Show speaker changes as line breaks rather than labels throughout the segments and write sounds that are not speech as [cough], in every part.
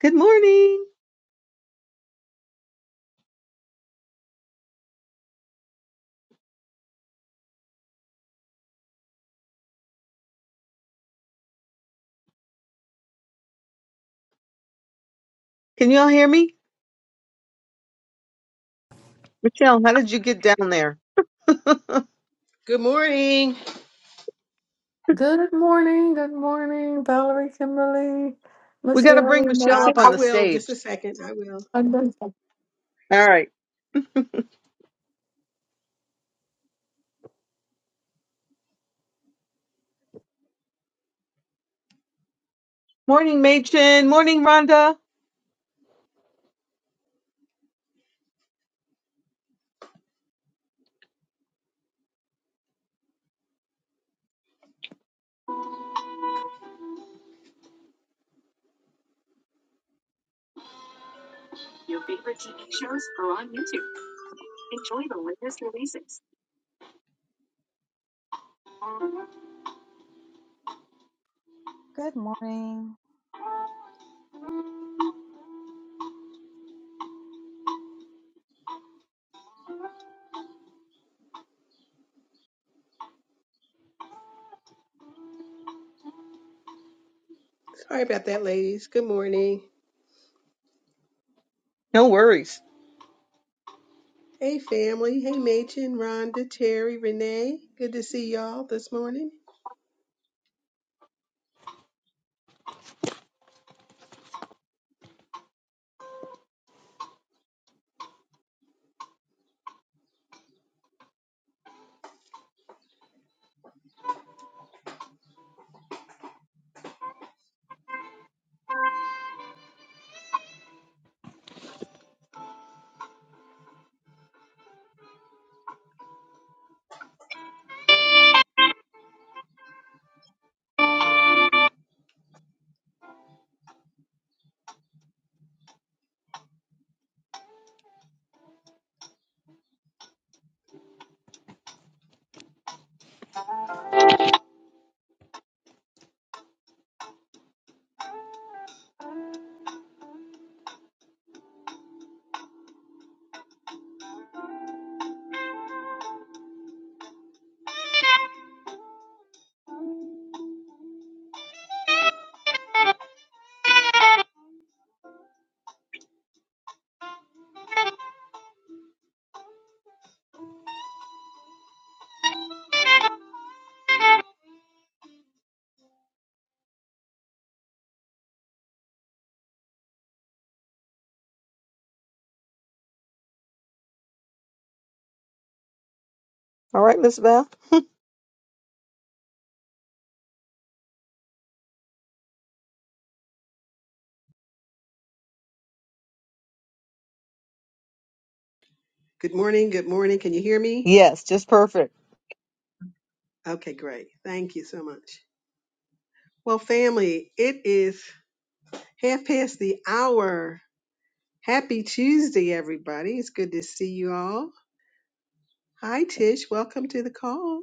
Good morning. Can you all hear me? Michelle, how did you get down there?
Good morning.
Good morning, good morning, Valerie, Kimberly,
We got to bring
Michelle, Mike,
Michelle
I,
up on
I
the
will, just
stage.
a second. I will.
and Wanda.
All right. Morning, Machen. Morning, Rhonda.
Good morning.
Sorry about that, ladies. Good morning.
No worries.
Hey, family. Hey, Machen, Rhonda, Terry, Renee. Good to see y'all this morning.
All right, Miss Beth.
Good morning. Good morning. Can you hear me?
Yes, just perfect.
Okay, great. Thank you so much. Well, family, it is half past the hour. Happy Tuesday, everybody. It's good to see you all. Hi, Tish. Welcome to the call.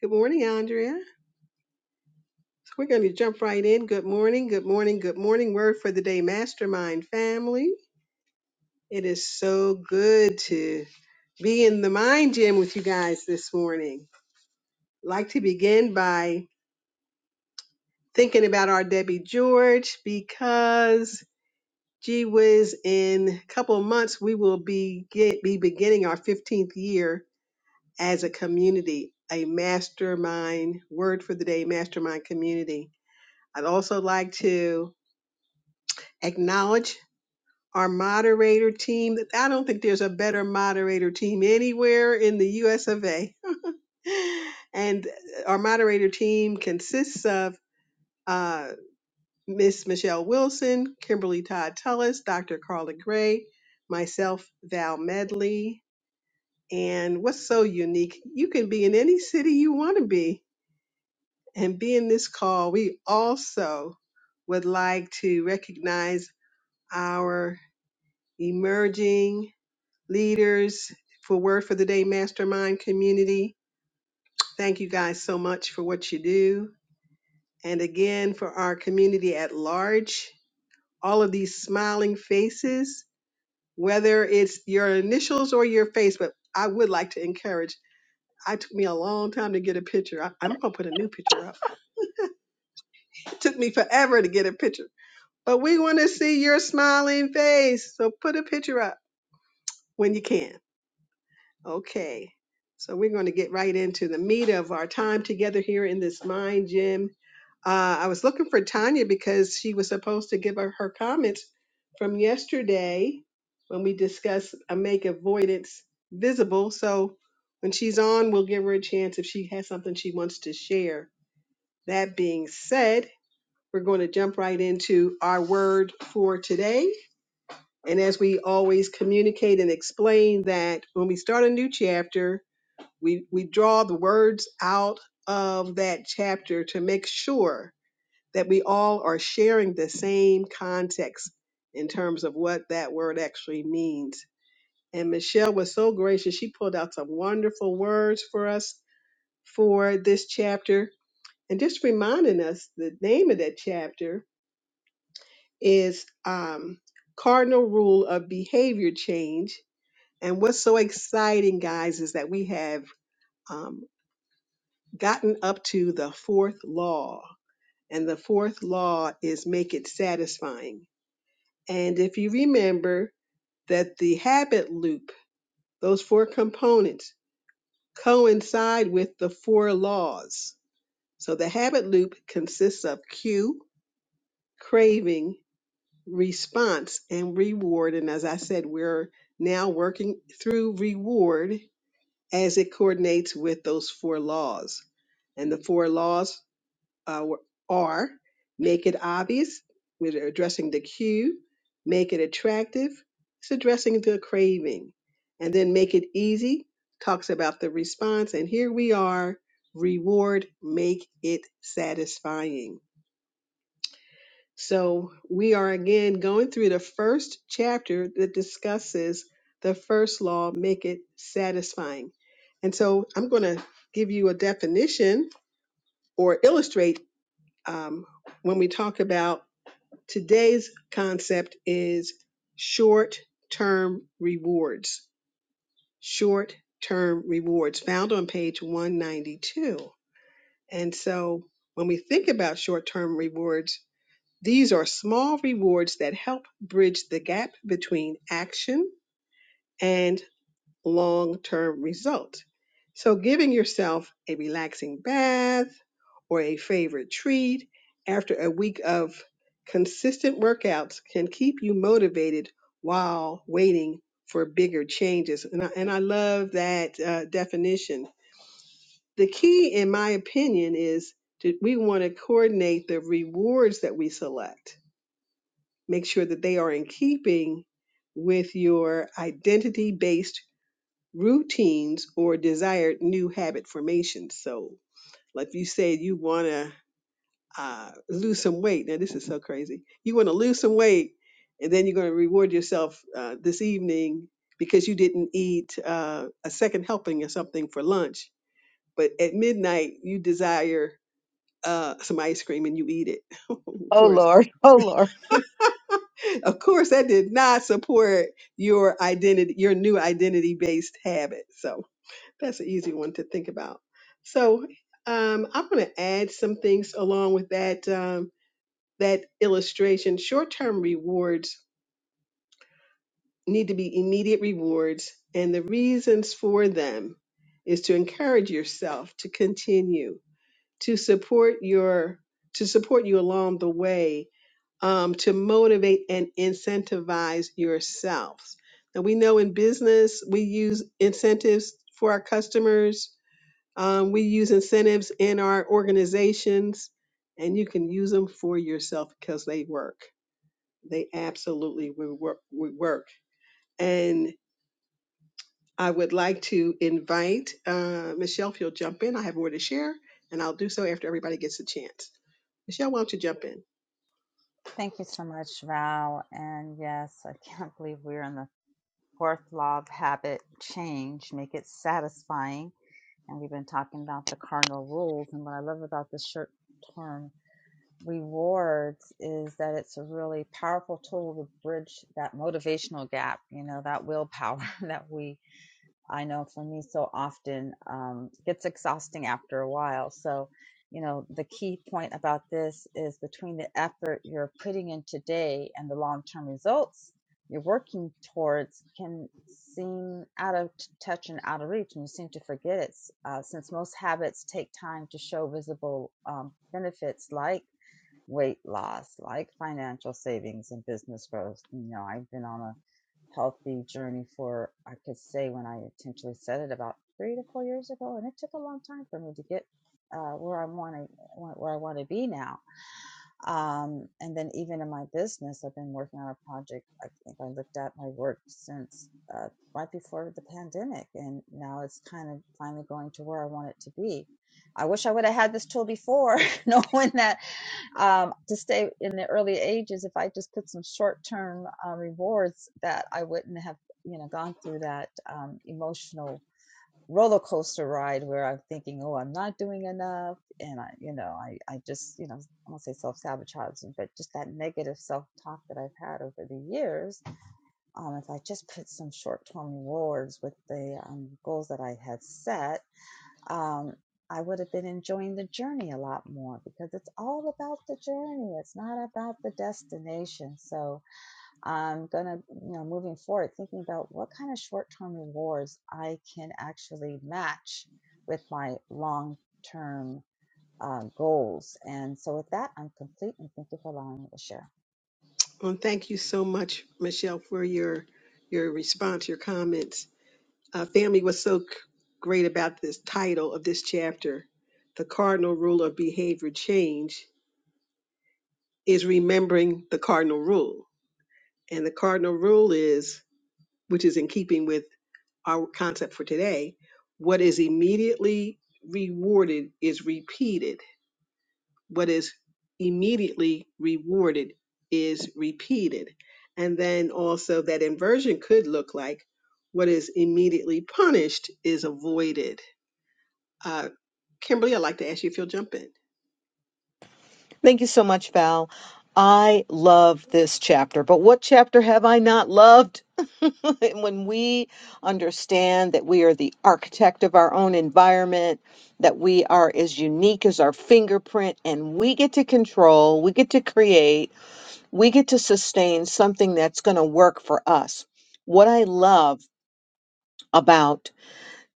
Good morning, Andrea. So we're going to jump right in. Good morning, good morning, good morning. Word for the day, mastermind family. It is so good to be in the mind gym with you guys this morning. Like to begin by thinking about our Debbie George because gee whiz, in a couple of months we will be get, be beginning our 15th year as a community, a mastermind. Word for the day, mastermind community. I'd also like to acknowledge our moderator team. I don't think there's a better moderator team anywhere in the US of A. [laughs] And uh, our moderator team consists of uh, Miss Michelle Wilson, Kimberly Todd Tullis, Dr. Carla Gray, myself, Val Medley. And what's so unique, you can be in any city you want to be and be in this call. We also would like to recognize our emerging leaders for Word for the Day Mastermind community. Thank you guys so much for what you do. And again, for our community at large, all of these smiling faces, whether it's your initials or your face, but I would like to encourage. I took me a long time to get a picture. I, I'm going to put a new picture up. [laughs] It took me forever to get a picture. But we want to see your smiling face. So put a picture up when you can Okay, so we're going to get right into the meat of our time together here in this mind gym. Uh, I was looking for Tanya because she was supposed to give her, her comments from yesterday when we discussed uh, make avoidance visible. So when she's on, we'll give her a chance if she has something she wants to share. That being said, we're going to jump right into our word for today. And as we always communicate and explain that when we start a new chapter, we we draw the words out of that chapter to make sure that we all are sharing the same context in terms of what that word actually means. And Michelle was so gracious. She pulled out some wonderful words for us for this chapter. And just reminding us the name of that chapter is um, Cardinal Rule of Behavior Change. And what's so exciting, guys, is that we have um, gotten up to the fourth law. And the fourth law is make it satisfying. And if you remember that the habit loop, those four components coincide with the four laws. So the habit loop consists of cue, craving, response, and reward. And as I said, we're now working through reward as it coordinates with those four laws. And the four laws uh, or make it obvious. We're addressing the cue, make it attractive. It's addressing the craving. And then make it easy talks about the response. And here we are reward, make it satisfying. So we are again going through the first chapter that discusses the first law, make it satisfying. And so I'm going to give you a definition or illustrate um, when we talk about today's concept is short-term rewards short-term rewards found on page 192 and so when we think about short-term rewards these are small rewards that help bridge the gap between action and long term result. So, giving yourself a relaxing bath or a favorite treat after a week of consistent workouts can keep you motivated while waiting for bigger changes. And I, and I love that uh, definition. The key, in my opinion, is that we want to coordinate the rewards that we select, make sure that they are in keeping with your identity based routines or desired new habit formation. So, like you said, you want to uh, lose some weight. Now, this is so crazy. You want to lose some weight, and then you're going to reward yourself uh, this evening because you didn't eat uh, a second helping or something for lunch. But at midnight, you desire uh, some ice cream and you eat it. [laughs] of
Oh,
course,
Lord. [laughs] Oh, Lord.
of course, that did not support your identity, your new identity-based habit. So That's an easy one to think about. So um, I'm going to add some things along with that um, that illustration. Short-term rewards need to be immediate rewards, and the reasons for them is to encourage yourself to continue to support your to support you along the way, um, to motivate and incentivize yourselves. Now we know in business we use incentives for our customers um, we use incentives in our organizations, and you can use them for yourself because they work. They absolutely will work. Will work. And I would like to invite uh, Michelle, if you'll jump in. I have more to share, and I'll do so after everybody gets a chance. Michelle, why don't you jump in?
Thank you so much, Val. And yes, I [laughs] can't believe we're in the fourth law of habit change, make it satisfying. And we've been talking about the cardinal rules. And what I love about the short term rewards is that it's a really powerful tool to bridge that motivational gap, you know, that willpower [laughs] that we I know for me so often um, gets exhausting after a while. So, you know, the key point about this is between the effort you're putting in today and the long term results you're working towards can seem out of t- touch and out of reach, and you seem to forget it uh, since most habits take time to show visible um, benefits like weight loss, like financial savings and business growth. You know, I've been on a healthy journey for I could say when I intentionally said it about three to four years ago, and it took a long time for me to get uh, where I want to where I want to be now. Um, and then even in my business, I've been working on a project. I think I looked at my work since uh, right before the pandemic, and now it's kind of finally going to where I want it to be. I wish I would have had this tool before, [laughs] knowing that um, to stay in the early ages if i just put some short-term uh, rewards that i wouldn't have you know gone through that um, emotional roller coaster ride where i'm thinking oh i'm not doing enough and i you know i, I just you know i won't say self-sabotaging but just that negative self-talk that i've had over the years um, if i just put some short-term rewards with the um, goals that i had set um, I would have been enjoying the journey a lot more because it's all about the journey. It's not about the destination. So I'm gonna, you know, moving forward, thinking about what kind of short-term rewards I can actually match with my long-term uh, goals. And so with that, I'm complete and thank you for allowing me to share.
Well, thank you so much, Michelle, for your your response, your comments. Uh, family was so c- great about this title of this chapter, the cardinal rule of behavior change is remembering the cardinal rule. And the cardinal rule is, which is in keeping with our concept for today, what is immediately rewarded is repeated. What is immediately rewarded is repeated. And then also that inversion could look like what is immediately punished is avoided. Uh, Kimberly, I'd like to ask you if you'll jump in.
Thank you so much, Val. I love this chapter, but what chapter have I not loved? [laughs] when we understand that we are the architect of our own environment, that we are as unique as our fingerprint, and we get to control, we get to create, we get to sustain something that's going to work for us. What I love about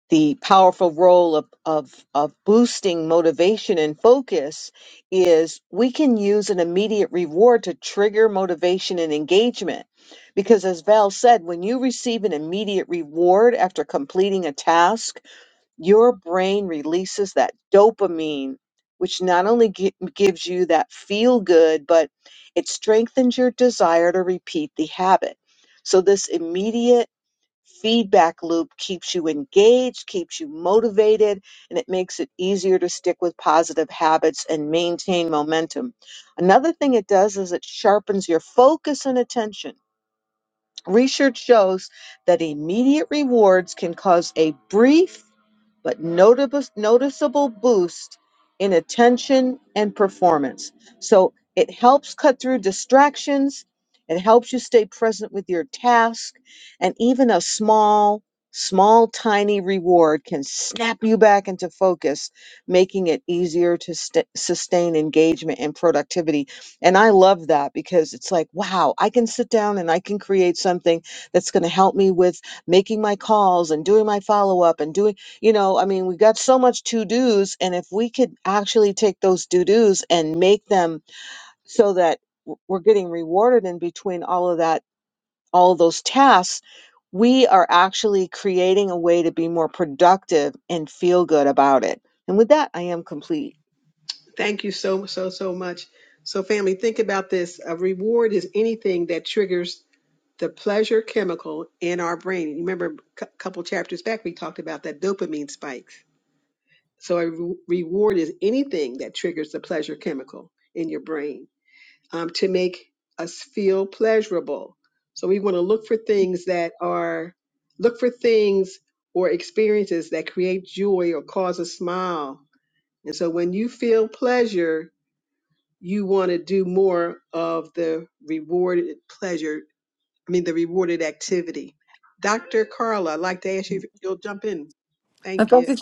the powerful role of, of, of boosting motivation and focus is we can use an immediate reward to trigger motivation and engagement. Because as Val said, when you receive an immediate reward after completing a task, your brain releases that dopamine, which not only gi- gives you that feel good, but it strengthens your desire to repeat the habit. So, this immediate feedback loop keeps you engaged, keeps you motivated, and it makes it easier to stick with positive habits and maintain momentum. Another thing it does is it sharpens your focus and attention Research shows that immediate rewards can cause a brief but noticeable, noticeable boost in attention and performance. So it helps cut through distractions, it helps you stay present with your task, and even a small, small, tiny reward can snap you back into focus, making it easier to st- sustain engagement and productivity and I love that because it's like, wow, I can sit down and I can create something that's going to help me with making my calls and doing my follow up and doing, you know, I mean, we've got so much to dos. And if we could actually take those to dos and make them so that w- we're getting rewarded in between all of that, all of those tasks, we are actually creating a way to be more productive and feel good about it. And with that, I am complete.
Thank you so, so, so much. So, family, think about this. A reward is anything that triggers the pleasure chemical in our brain. Remember a couple chapters back, we talked about that dopamine spikes. So a re- reward is anything that triggers the pleasure chemical in your brain um, to make us feel pleasurable. So we want to look for things that are look for things or experiences that create joy or cause a smile. And so when you feel pleasure, you want to do more of the rewarded pleasure. I mean the rewarded activity. Dr. Carla, I'd like to ask you if you'll jump in.
Uh,
Thank
Thank
you.
you,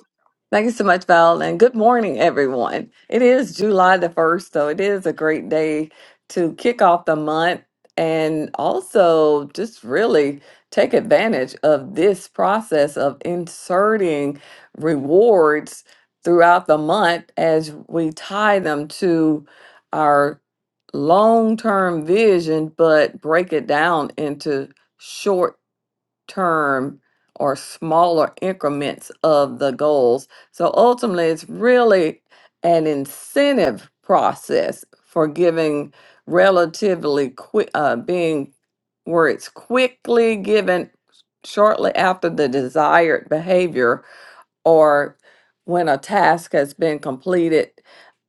thank you so much, Val, and good morning, everyone. It is July the 1st, so it is a great day to kick off the month and also just really take advantage of this process of inserting rewards throughout the month as we tie them to our long term vision, but break it down into short term or smaller increments of the goals. So ultimately, it's really an incentive process for giving relatively quick, uh, being where it's quickly given shortly after the desired behavior or when a task has been completed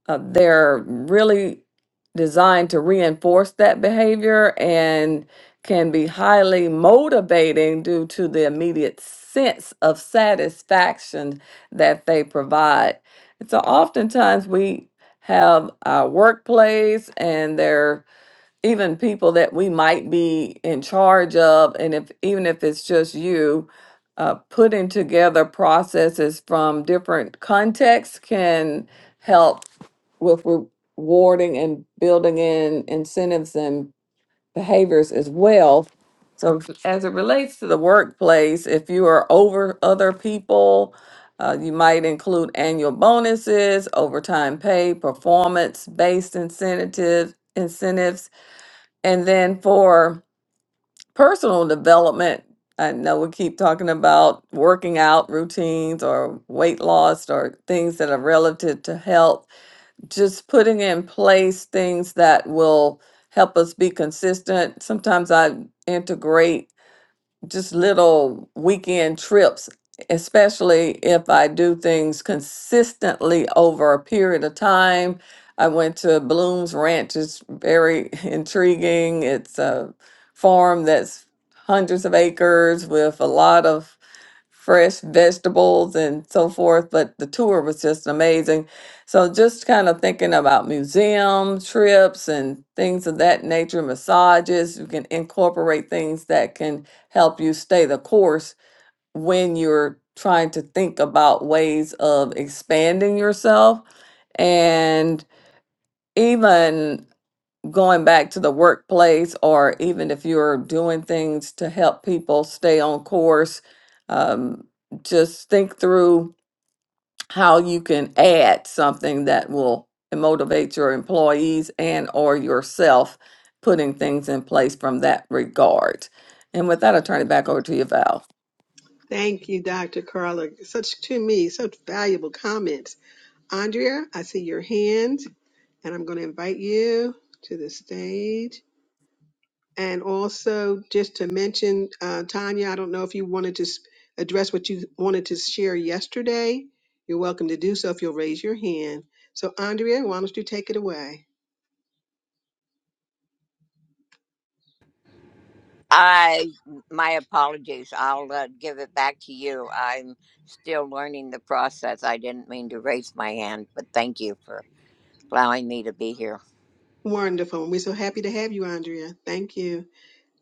uh, they're really designed to reinforce that behavior and can be highly motivating due to the immediate sense of satisfaction that they provide. And so oftentimes we have our workplace and their even people that we might be in charge of and if even if it's just you uh, putting together processes from different contexts can help with rewarding and building in incentives and behaviors as well so f- as it relates to the workplace if you are over other people uh, you might include annual bonuses overtime pay performance based incentives incentives and then for personal development, I know we keep talking about working out routines or weight loss or things that are relative to health, just putting in place things that will help us be consistent. Sometimes I integrate just little weekend trips, especially if I do things consistently over a period of time. I went to Bloom's Ranch. It's very [laughs] intriguing. It's a farm that's hundreds of acres with a lot of fresh vegetables and so forth. But the tour was just amazing. So just kind of thinking about museum trips and things of that nature, massages, you can incorporate things that can help you stay the course when you're trying to think about ways of expanding yourself. And even going back to the workplace or even if you're doing things to help people stay on course um, just think through how you can add something that will motivate your employees and or yourself putting things in place from that regard and with that i'll turn it back over to you val
Thank you, Dr. Carla. Such to me, such valuable comments. Andrea, I see your hand and I'm going to invite you to the stage. And also, just to mention, uh, Tanya, I don't know if you wanted to s- address what you wanted to share yesterday. You're welcome to do so if you'll raise your hand. So, Andrea, why don't you take it away?
I my apologies. I'll uh, give it back to you. I'm still learning the process. I didn't mean to raise my hand, but thank you for allowing me to be here.
Wonderful. We're so happy to have you, Andrea. Thank you.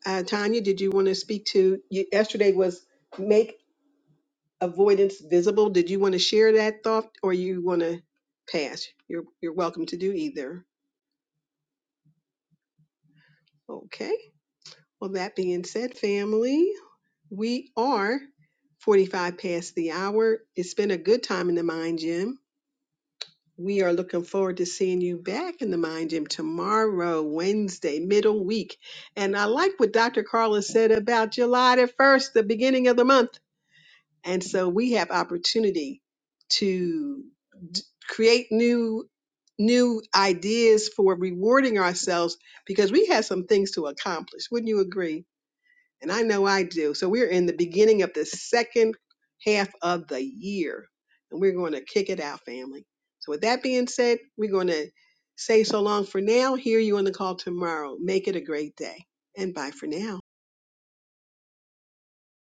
Uh, Tanya, did you want to speak to? You, yesterday was make avoidance visible. Did you want to share that thought or you want to pass? You're you're welcome to do either. Okay. Well, that being said, family, we are 45 past the hour. It's been a good time in the mind gym. We are looking forward to seeing you back in the mind gym tomorrow, Wednesday, middle week. And I like what Dr. Carla said about July the 1st, the beginning of the month. And so we have opportunity to d- create new new ideas for rewarding ourselves because we have some things to accomplish. Wouldn't you agree? And I know I do. So we're in the beginning of the second half of the year and we're going to kick it out, family. So with that being said, we're going to say so long for now. Hear you on the call tomorrow. Make it a great day. And bye for now.